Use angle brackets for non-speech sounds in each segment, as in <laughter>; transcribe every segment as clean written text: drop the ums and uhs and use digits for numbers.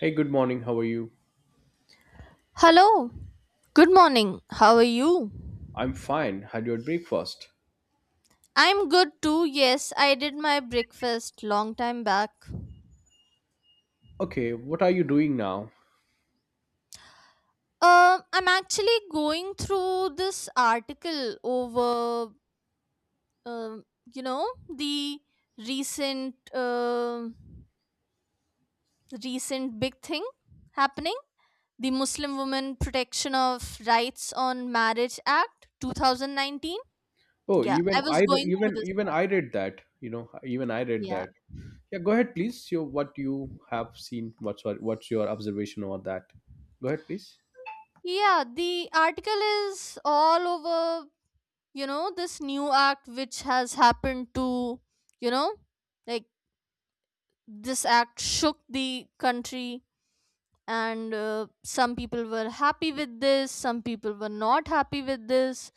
Hey, good morning. How are you? Hello. Good morning. How are you? I'm fine. Had your breakfast? I'm good too. Yes, I did my breakfast long time back. Okay, what are you doing now? I'm actually going through this article over, um, you know, the recent, um recent big thing happening, the Muslim Women Protection of Rights on Marriage Act 2019. Oh, Yeah, even I was I going through even this. even I read that. You know, even I read Yeah. that. Yeah, go ahead, please. Your what you have seen. What's your observation on that? Go ahead, please. Yeah, the article is all over, this new act which has happened to, you know like this act shook the country, and some people were happy with this, some people were not happy with this.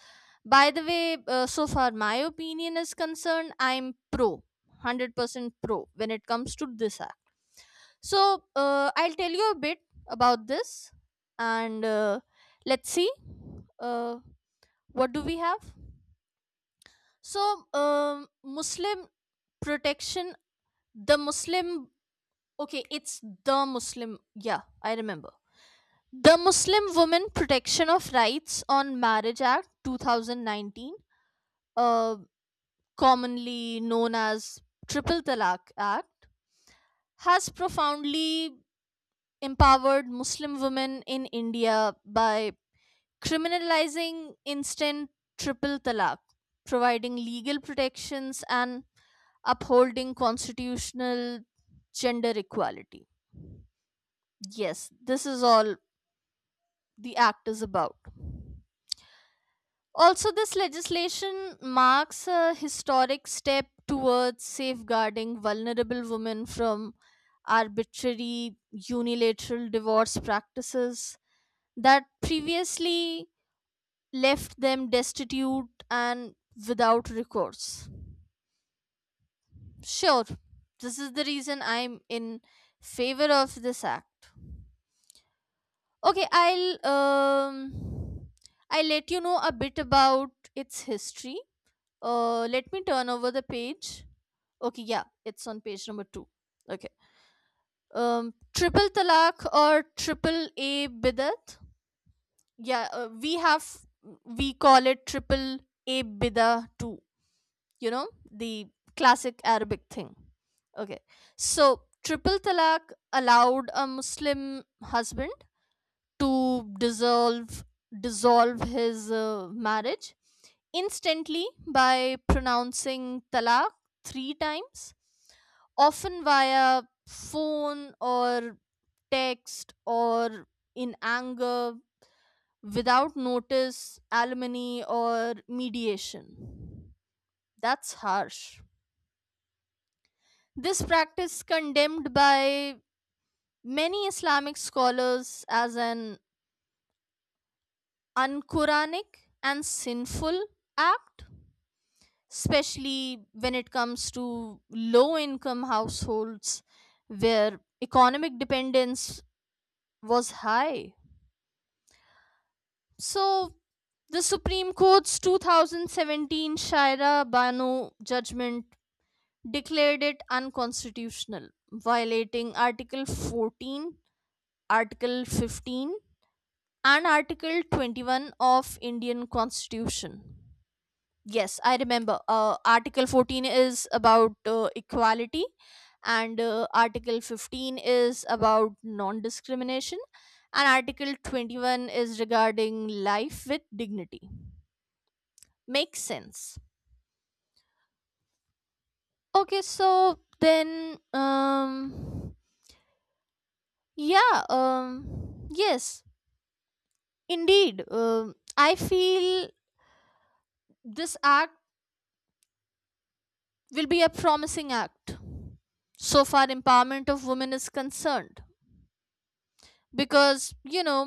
By the way, so far my opinion is concerned, I'm pro 100% pro when it comes to this act. So, I'll tell you a bit about this. And, let's see, uh, what do we have. So, um, muslim, protection, the muslim, okay, it's the muslim, yeah, I remember, the Muslim Women Protection of Rights on Marriage Act 2019, uh, commonly known as Triple Talaq Act, has profoundly empowered Muslim women in India by criminalizing instant triple talaq, providing legal protections and upholding constitutional gender equality. Yes, this is all the act is about. Also, this legislation marks a historic step towards safeguarding vulnerable women from arbitrary unilateral divorce practices that previously left them destitute and without recourse. Sure, this is the reason I'm in favor of this act. Okay, I'll let you know a bit about its history. Uh, let me turn over the page. Okay, yeah, it's on page number 2. Okay. Um, triple talaq or triple a bidat. Yeah, we call it triple a bidah too, you know, the classic Arabic thing. Okay. So, triple talaq allowed a Muslim husband to dissolve his marriage instantly by pronouncing talaq three times, often via phone or text or in anger, without notice, alimony, or mediation. That's harsh. This practice condemned by many Islamic scholars as an unquranic and sinful act, especially when it comes to low income households where economic dependence was high. So the Supreme Court's 2017 Shaira Banu judgment declared it unconstitutional, violating Article 14, Article 15, and Article 21 of Indian Constitution. Yes, I remember. Article 14 is about, equality, and Article 15 is about non discrimination, and Article 21 is regarding life with dignity. Makes sense. Okay, so then, yeah, yes, indeed. I feel this act will be a promising act so far empowerment of women is concerned. Because you know,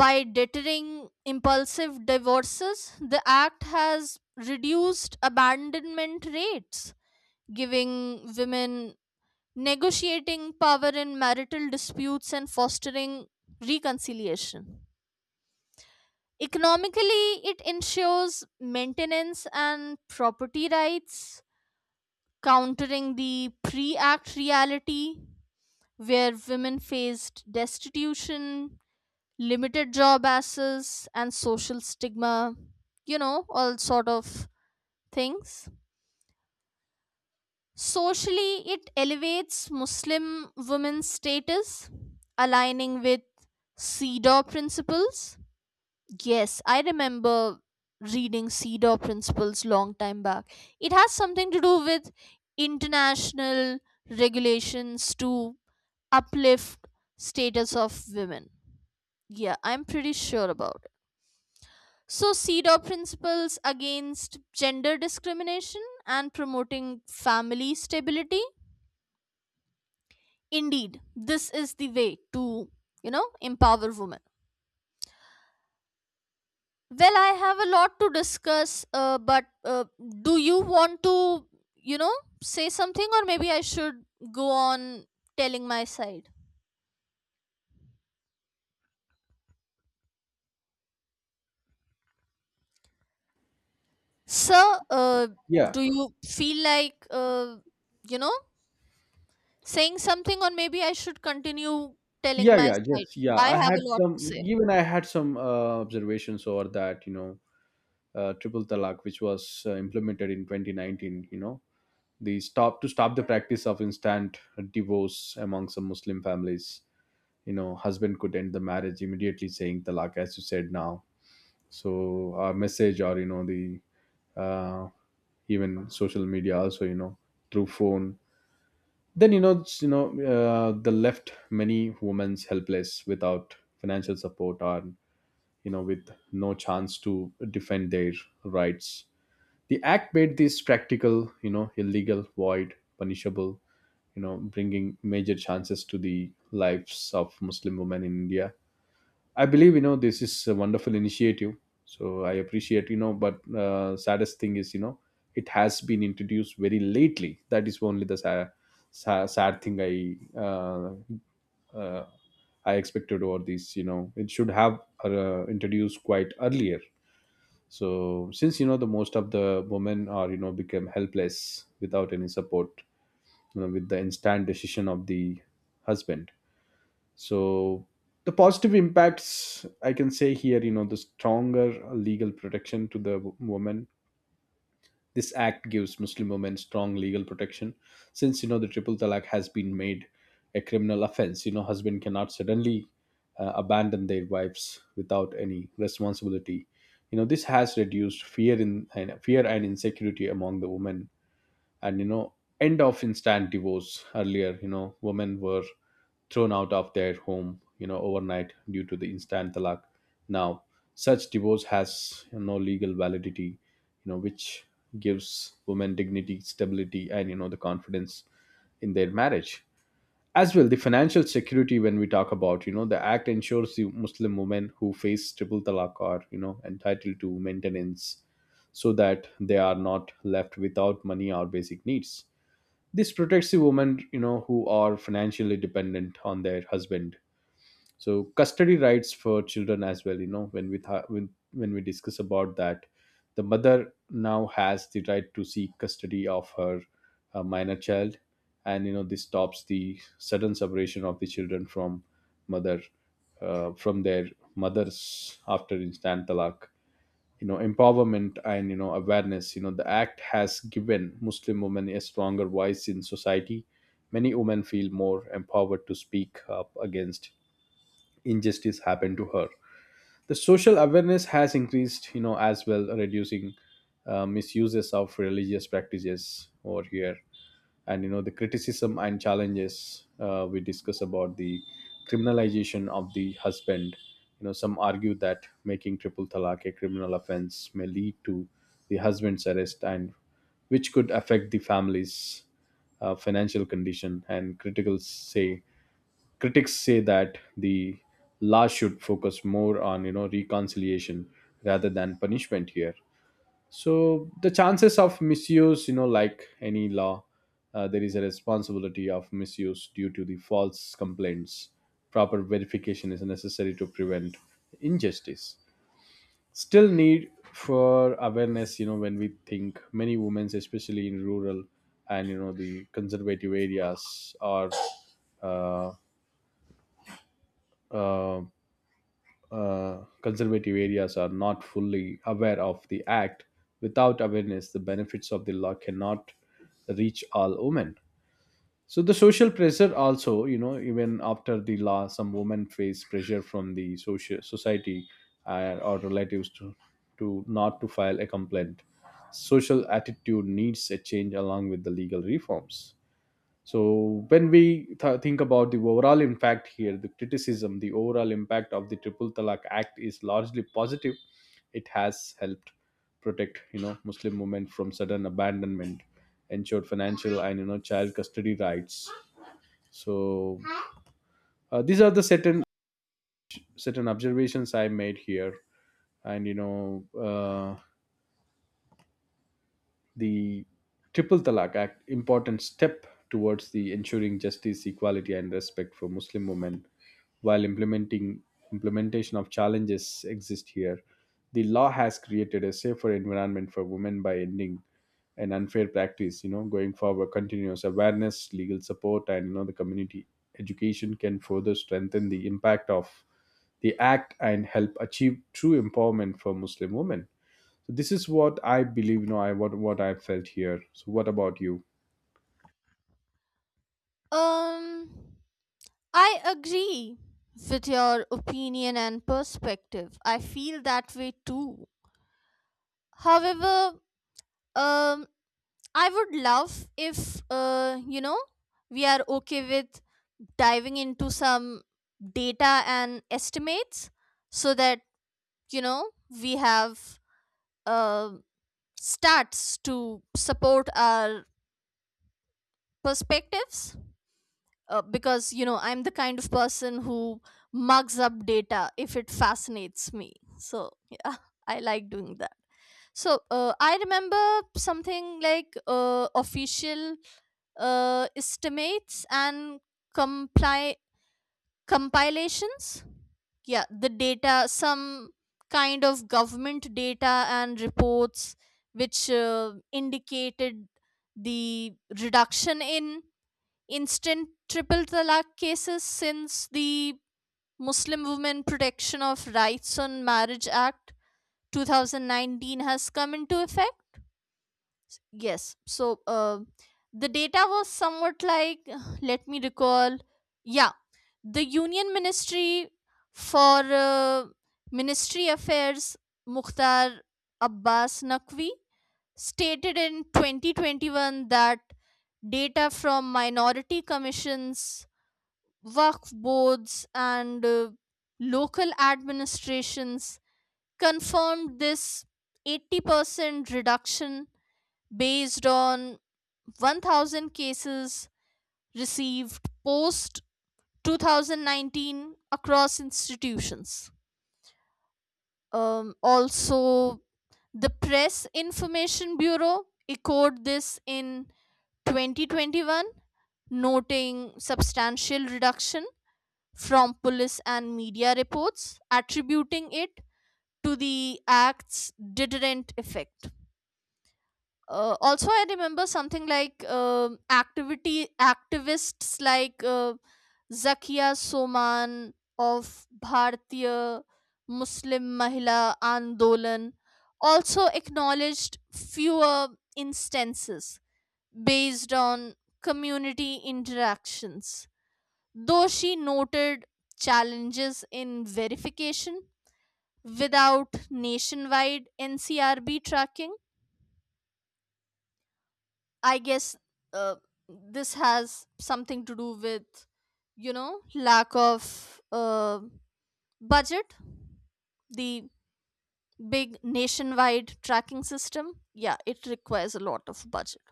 by deterring impulsive divorces, the act has reduced abandonment rates, giving women negotiating power in marital disputes and fostering reconciliation. Economically, it ensures maintenance and property rights, countering the pre act reality where women faced destitution, limited job access and social stigma, you know, all sort of things. Socially, it elevates Muslim women's status, aligning with CEDAW principles. Yes, I remember reading CEDAW principles long time back. It has something to do with international regulations to uplift status of women. Yeah, I'm pretty sure about. So, CEDAW principles against gender discrimination and promoting family stability. Indeed, this is the way to, you know, empower women. Well, I have a lot to discuss, but do you want to, you know, say something, or maybe I should go on telling my side? Sir, Yeah, do you feel like, you know, saying something, or maybe I should continue telling my yeah. side? Yes, yeah. I I have had a lot to some. say. Even I had some observations over that. You know, triple talaq, which was implemented in 2019. You know, the stop the practice of instant divorce among some Muslim families. You know, husband could end the marriage immediately saying talak, as you said now. So our message, or you know, the uh, even social media also, you know, through phone, then you know the left many women's helpless without financial support, or you know, with no chance to defend their rights. The act made this practical, you know, illegal, void, punishable, you know, bringing major chances to the lives of Muslim women in India. I believe, you know, this is a wonderful initiative. So I appreciate, you know, but saddest thing is, you know, it has been introduced very lately. That is only the sad, sad, sad thing uh, I expected over this. You know, it should have introduced quite earlier. So since you know, the most of the women are, you know, become helpless without any support, you know, with the instant decision of the husband. So the positive impacts I can say here, you know, the stronger legal protection to the woman. This act gives Muslim women strong legal protection, since you know, the triple talaq has been made a criminal offense. You know, husband cannot suddenly abandon their wives without any responsibility. You know, this has reduced fear and insecurity among the women. And you know, end of instant divorce, earlier you know, women were thrown out of their home, you know, overnight due to the instant talaq. Now such divorce has, you know, legal validity, you know, which gives women dignity, stability, and you know, the confidence in their marriage, as well the financial security. When we talk about, you know, the act ensures the Muslim women who face triple talaq are, you know, entitled to maintenance, so that they are not left without money or basic needs. This protects the women, you know, who are financially dependent on their husband. So custody rights for children as well, you know, when we discuss about that, the mother now has the right to seek custody of her minor child. And you know, this stops the sudden separation of the children from mother, from their mothers after instant talaq. You know, empowerment and you know, awareness, you know, the act has given Muslim women a stronger voice in society. Many women feel more empowered to speak up against injustice happened to her. The social awareness has increased, you know, as well reducing misuses of religious practices over here. And you know, the criticism and challenges, we discuss about the criminalization of the husband. You know, some argue that making triple talaq a criminal offense may lead to the husband's arrest and which could affect the family's financial condition. And criticals say critics say that the law should focus more on, you know, reconciliation rather than punishment here. So the chances of misuse, you know, like any law, there is a responsibility of misuse due to the false complaints. Proper verification is necessary to prevent injustice. Still need for awareness, you know, when we think, many women, especially in rural and you know, the uh, uh, conservative areas are not fully aware of the act. Without awareness, the benefits of the law cannot reach all women. So the social pressure also, you know, even after the law, some women face pressure from the social society or relatives to not to file a complaint. Social attitude needs a change along with the legal reforms. So when we think about the overall impact here, the criticism, the overall impact of the Triple Talaq Act is largely positive. It has helped protect, you know, Muslim women from sudden abandonment, ensured financial and you know, child custody rights. So these are the certain certain observations I made here, and you know. The Triple Talaq Act important step towards the ensuring justice, equality, and respect for Muslim women. While implementing implementation of challenges exist here, the law has created a safer environment for women by ending an unfair practice. You know, going forward, continuous awareness, legal support, and you know, the community education can further strengthen the impact of the act and help achieve true empowerment for Muslim women. So this is what I believe. You know, I what I felt here. So what about you? Um, I agree with your opinion and perspective. I feel that way too. However, um, I would love if, you know, we are okay with diving into some data and estimates so that, you know, we have uh, stats to support our perspectives. Because you know I'm the kind of person who mugs up data if it fascinates me. So yeah, <laughs> I like doing that. So, I remember something like, official, estimates and compli- compilations. Yeah, the data, some kind of government data and reports which, indicated the reduction in instant triple talaq cases since the Muslim Women Protection of Rights on Marriage Act 2019 has come into effect? Yes. So, the data was somewhat like, <sighs> let me recall, yeah, the Union Ministry for, Ministry Affairs, Mukhtar Abbas Naqvi, stated in 2021 that data from minority commissions, work boards and, local administrations confirmed this 80% reduction based on 1,000 cases received post 2019 across institutions. Also, the Press Information Bureau echoed this in 2021, noting substantial reduction from police and media reports, attributing it to the act's deterrent effect. Also, I remember something like activity activists like, Zakia Soman of Bharatiya Muslim Mahila Andolan also acknowledged fewer instances based on community interactions, though she noted challenges in verification without nationwide NCRB tracking. I guess uh, this has something to do with, you know, lack of, budget, the big nationwide tracking system. Yeah, it requires a lot of budget.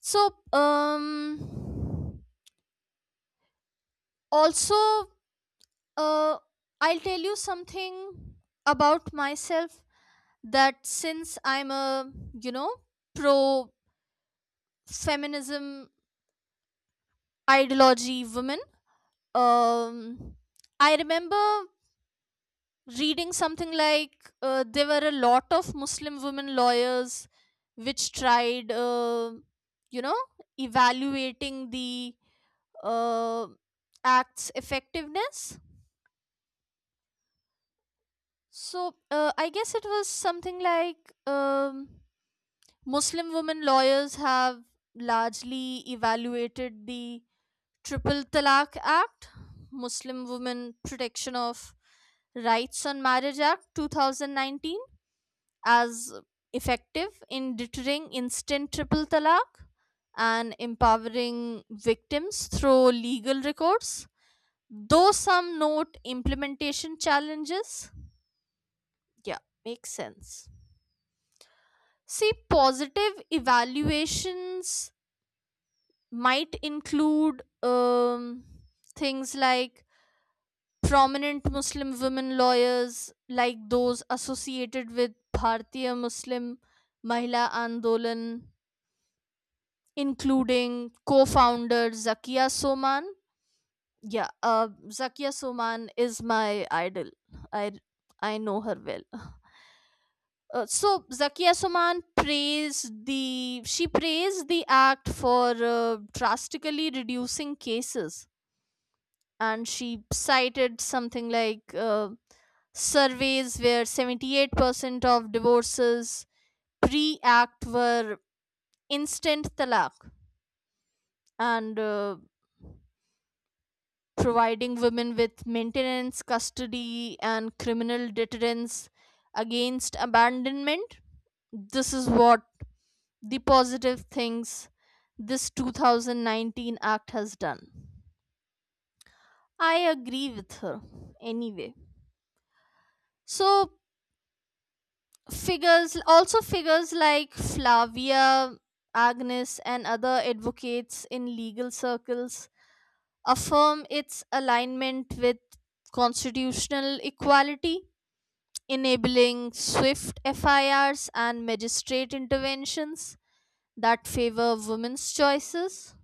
So, also, uh, I'll tell you something about myself, that since I'm a, you know, pro feminism ideology woman, um, I remember reading something like, there were a lot of Muslim women lawyers which tried, you know, evaluating the, uh, act's effectiveness. So, I guess it was something like, Muslim women lawyers have largely evaluated the Triple Talaq Act, Muslim Women Protection of Rights on Marriage Act 2019, as effective in deterring instant triple talaq and empowering victims through legal recourse, though some note implementation challenges. Yeah, makes sense. See, positive evaluations might include, things like prominent Muslim women lawyers, like those associated with Bhartiya Muslim Mahila Andolan, including co founder Zakia Soman. Yeah, Zakia Soman is my idol. I, I know her well. So Zakia Suman praised the she praised the act for, drastically reducing cases, and she cited something like, surveys where 78% of divorces pre act were instant talaq, and, providing women with maintenance, custody, and criminal deterrence against abandonment. This is what the positive things this 2019 act has done. I agree with her anyway. So, figures like Flavia, Agnes, and other advocates in legal circles affirm its alignment with constitutional equality, enabling swift FIRs and magistrate interventions that favor women's choices.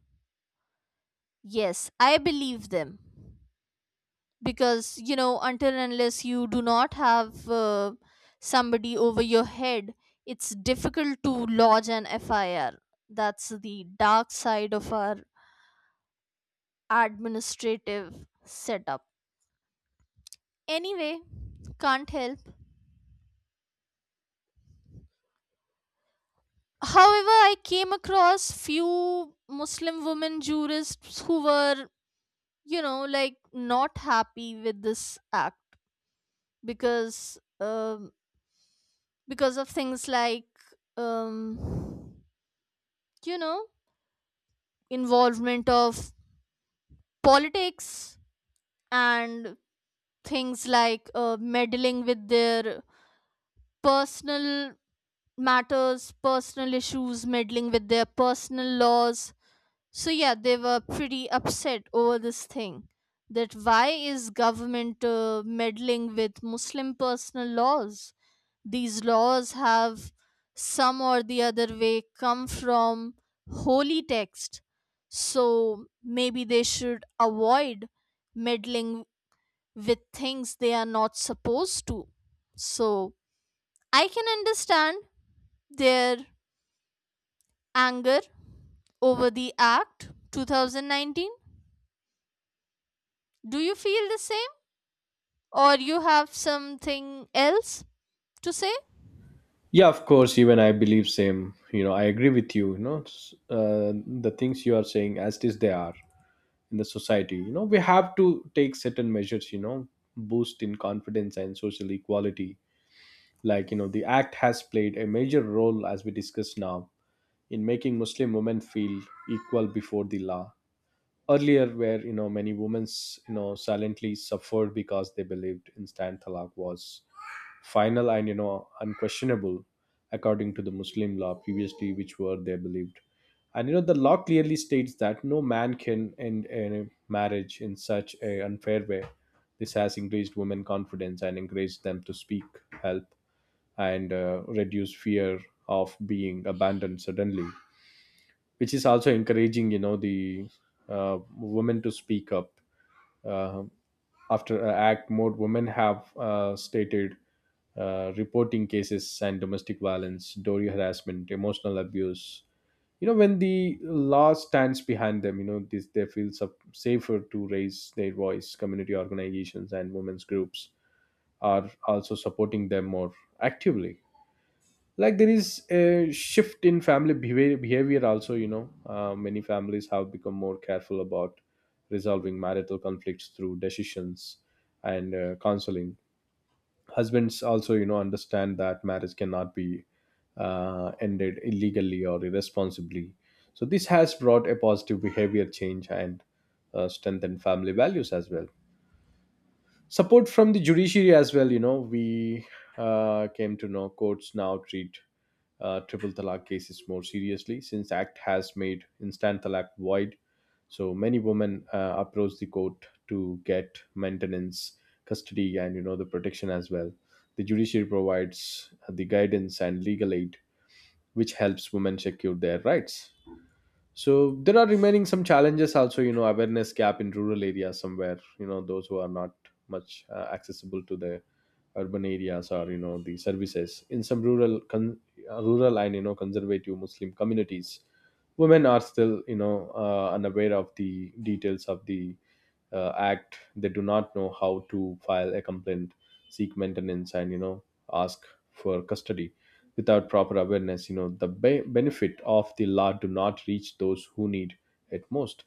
Yes, I believe them. Because you know, until and unless you do not have, somebody over your head, it's difficult to lodge an FIR. That's the dark side of our administrative setup. Anyway, can't help. However, I came across few Muslim women jurists who were, you know, like, not happy with this act, because um because of things like, um you know, involvement of politics, and things like, meddling with their personal matters, personal issues, meddling with their personal laws. So yeah, they were pretty upset over this thing, that why is government, meddling with Muslim personal laws? These laws have some or the other way come from holy text. So maybe they should avoid meddling with things they are not supposed to. So I can understand their anger over the act 2019. Do you feel the same or you have something else to say? Yeah, of course. Even I believe same. You know, I agree with you. You know, the things you are saying as it is they are in the society. You know, we have to take certain measures. You know, boost in confidence and social equality. Like you know, the act has played a major role as we discuss now in making Muslim women feel equal before the law. Earlier where you know, many women's, you know, silently suffered because they believed instant talaq was final and you know, unquestionable according to the Muslim law previously which were they believed. And you know, the law clearly states that no man can end a marriage in such a unfair way. This has increased women confidence and encouraged them to speak help and reduce fear of being abandoned suddenly, which is also encouraging, you know, the women to speak up. Uh, after uh, act, more women have stated reporting cases and domestic violence, dowry harassment, emotional abuse. You know, when the law stands behind them, you know, this they feel safer to raise their voice. Community organizations and women's groups are also supporting them more actively. Like there is a shift in family behavior also, you know, many families have become more careful about resolving marital conflicts through decisions and counseling. Husbands also, you know, understand that marriage cannot be ended illegally or irresponsibly. So this has brought a positive behavior change and strengthened family values as well. Support from the judiciary as well, you know, we came to know courts now treat triple talaq cases more seriously since act has made instant talaq void. So many women approach the court to get maintenance, custody, and you know, the protection as well. The judiciary provides the guidance and legal aid which helps women secure their rights. So there are remaining some challenges also, you know, awareness gap in rural areas somewhere, you know, those who are not much accessible to the urban areas or you know, the services in some rural and you know, conservative Muslim communities, women are still, you know, unaware of the details of the act. They do not know how to file a complaint, seek maintenance, and you know, ask for custody. Without proper awareness, you know, the benefit of the law do not reach those who need it most.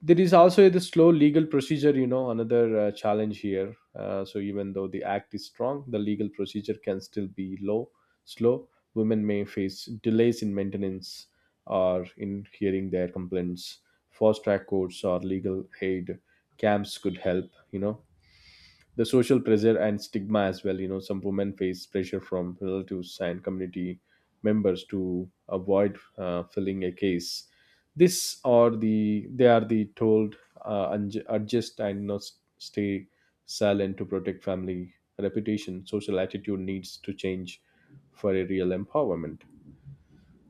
There is also the slow legal procedure, you know, another challenge here. So even though the act is strong, the legal procedure can still be low, slow. Women may face delays in maintenance or in hearing their complaints. Fast track courts or legal aid camps could help, you know, the social pressure and stigma as well. You know, some women face pressure from relatives and community members to avoid filling a case. This or the they are the told adjust and not stay silent to protect family reputation. Social attitude needs to change for a real empowerment.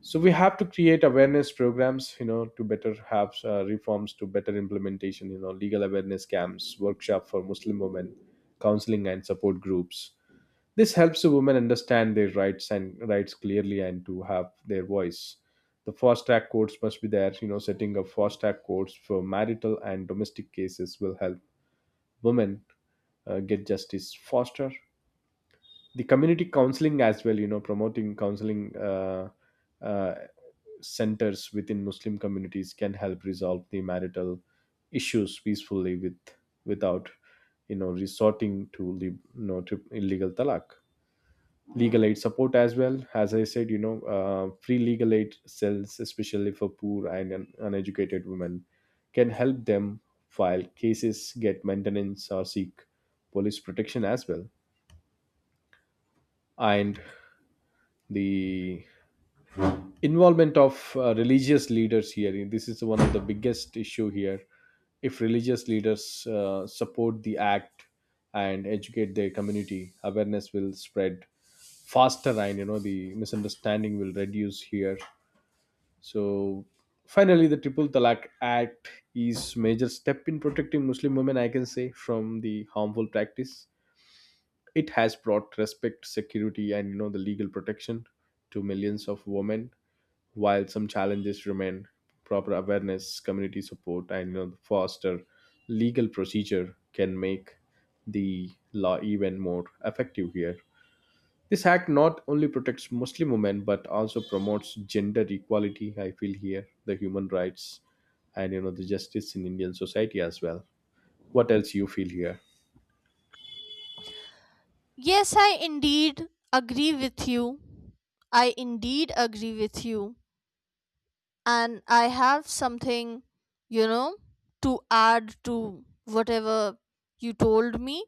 So we have to create awareness programs, you know, to better have reforms to better implementation. You know, legal awareness camps, workshop for Muslim women, counseling and support groups. This helps the women understand their rights and rights clearly and to have their voice. The fast track courts must be there, you know, setting up fast track courts for marital and domestic cases will help women get justice faster. The community counseling as well, you know, promoting counseling uh, centers within Muslim communities can help resolve the marital issues peacefully with without, you know, resorting to the to illegal talak. Legal aid support as well, as I said, you know, free legal aid cells, especially for poor and uneducated women, can help them file cases, get maintenance, or seek police protection as well. And the involvement of religious leaders here, this is one of the biggest issue here. If religious leaders support the act and educate their community, awareness will spread faster, and you know, the misunderstanding will reduce here. So finally, the Triple Talaq Act is major step in protecting Muslim women, I can say, from the harmful practice. It has brought respect, security, and you know, the legal protection to millions of women. While some challenges remain, proper awareness, community support, and you know, the faster legal procedure can make the law even more effective here. This act not only protects Muslim women but also promotes gender equality. I feel here the human rights and you know, the justice in Indian society as well. What else you feel here? Yes, I indeed agree with you. I indeed agree with you. And I have something, you know, to add to whatever you told me.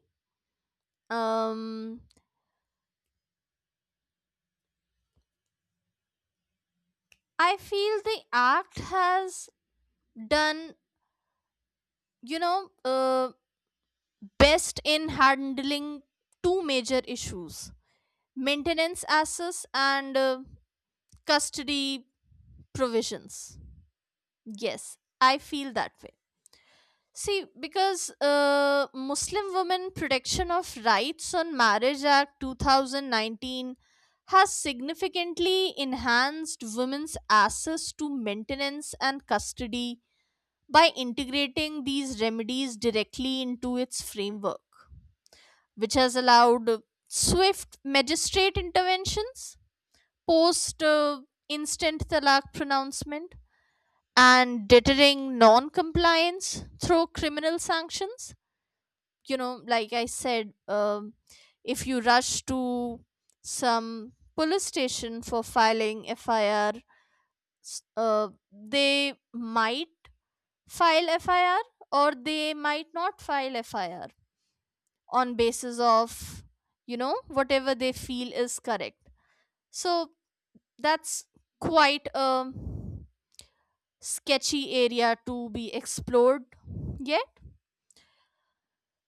Um, I feel the act has done, you know, best in handling two major issues, maintenance assets and, custody provisions. Yes, I feel that way. See, because, Muslim Women Protection of Rights on Marriage Act 2019 has significantly enhanced women's access to maintenance and custody by integrating these remedies directly into its framework, which has allowed, swift magistrate interventions post, instant talaq pronouncement and deterring non compliance through criminal sanctions. You know, like I said, if you rush to some police station for filing FIR, s- uh, they might file FIR or they might not file FIR on basis of, you know, whatever they feel is correct. So that's quite a sketchy area to be explored yet.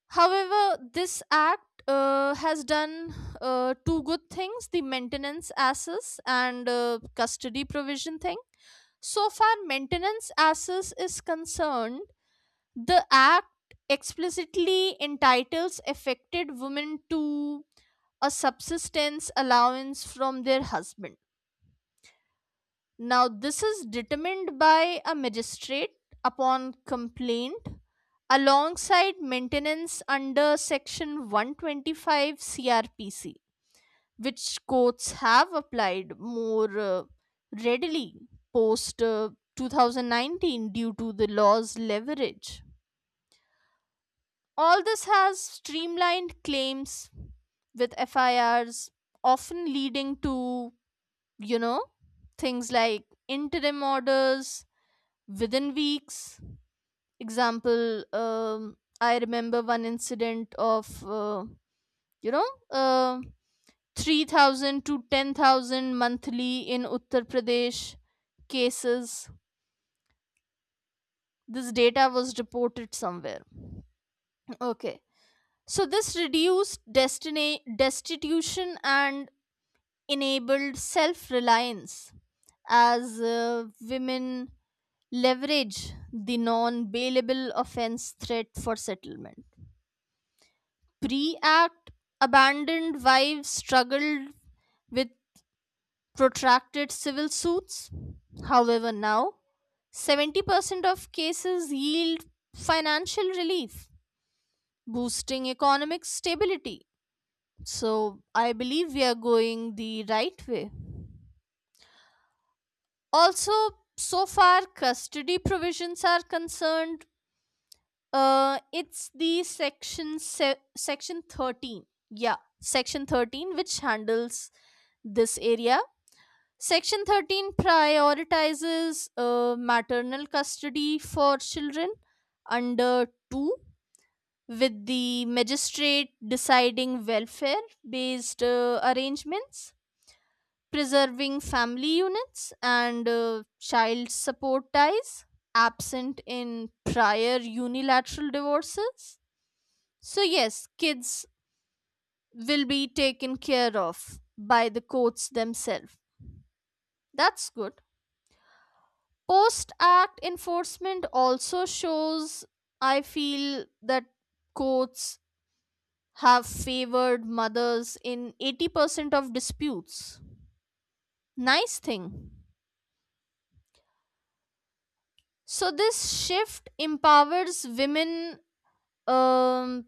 However, this act, has done two good things, the maintenance access and, custody provision thing. So far, maintenance access is concerned, the act explicitly entitles affected women to a subsistence allowance from their husband. Now, this is determined by a magistrate upon complaint alongside maintenance under section 125 CRPC, which courts have applied more, readily post, 2019 due to the law's leverage. All this has streamlined claims with FIRs, often leading to, you know, things like interim orders, within weeks. Example, I remember one incident of, you know uh, 3,000 to 10,000 monthly in Uttar Pradesh cases. This data was reported somewhere. Okay. So this reduced destiny destitution and enabled self-reliance as, women leverage the non-bailable offense threat for settlement. Pre act, abandoned wives struggled with protracted civil suits. However, now 70% of cases yield financial relief, boosting economic stability. So, I believe we are going the right way. Also, so far, custody provisions are concerned. It's the section 13. Yeah, section 13, which handles this area. Section 13 prioritizes, maternal custody for children under 2 with the magistrate deciding welfare based, arrangements, preserving family units and, child support ties absent in prior unilateral divorces. So, yes, kids will be taken care of by the courts themselves. That's good. Post act enforcement also shows, I feel, that courts have favored mothers in 80% of disputes. Nice thing. So this shift empowers women, um,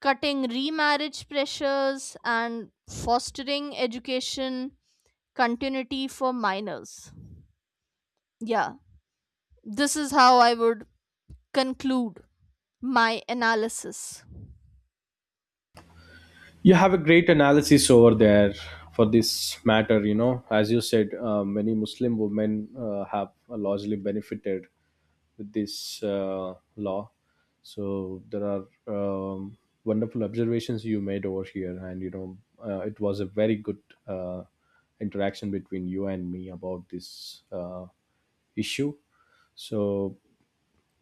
cutting remarriage pressures and fostering education continuity for minors. Yeah, this is how I would conclude my analysis. You have a great analysis over there for this matter. You know, as you said, many Muslim women have largely benefited with this law. So there are um, wonderful observations you made over here. And you know, it was a very good uh, interaction between you and me about this issue. So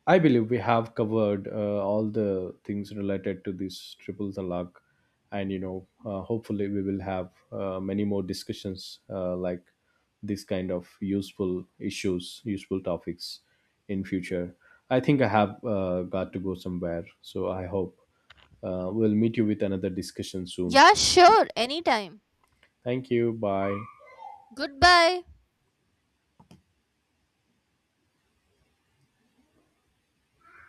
I believe we have covered all the things related to this triple talaq, and you know, hopefully we will have many more discussions like this kind of useful issues, useful topics in future. I think I have got to go somewhere, so I hope we'll meet you with another discussion soon. Yeah, sure, anytime. Thank you. Bye. Goodbye.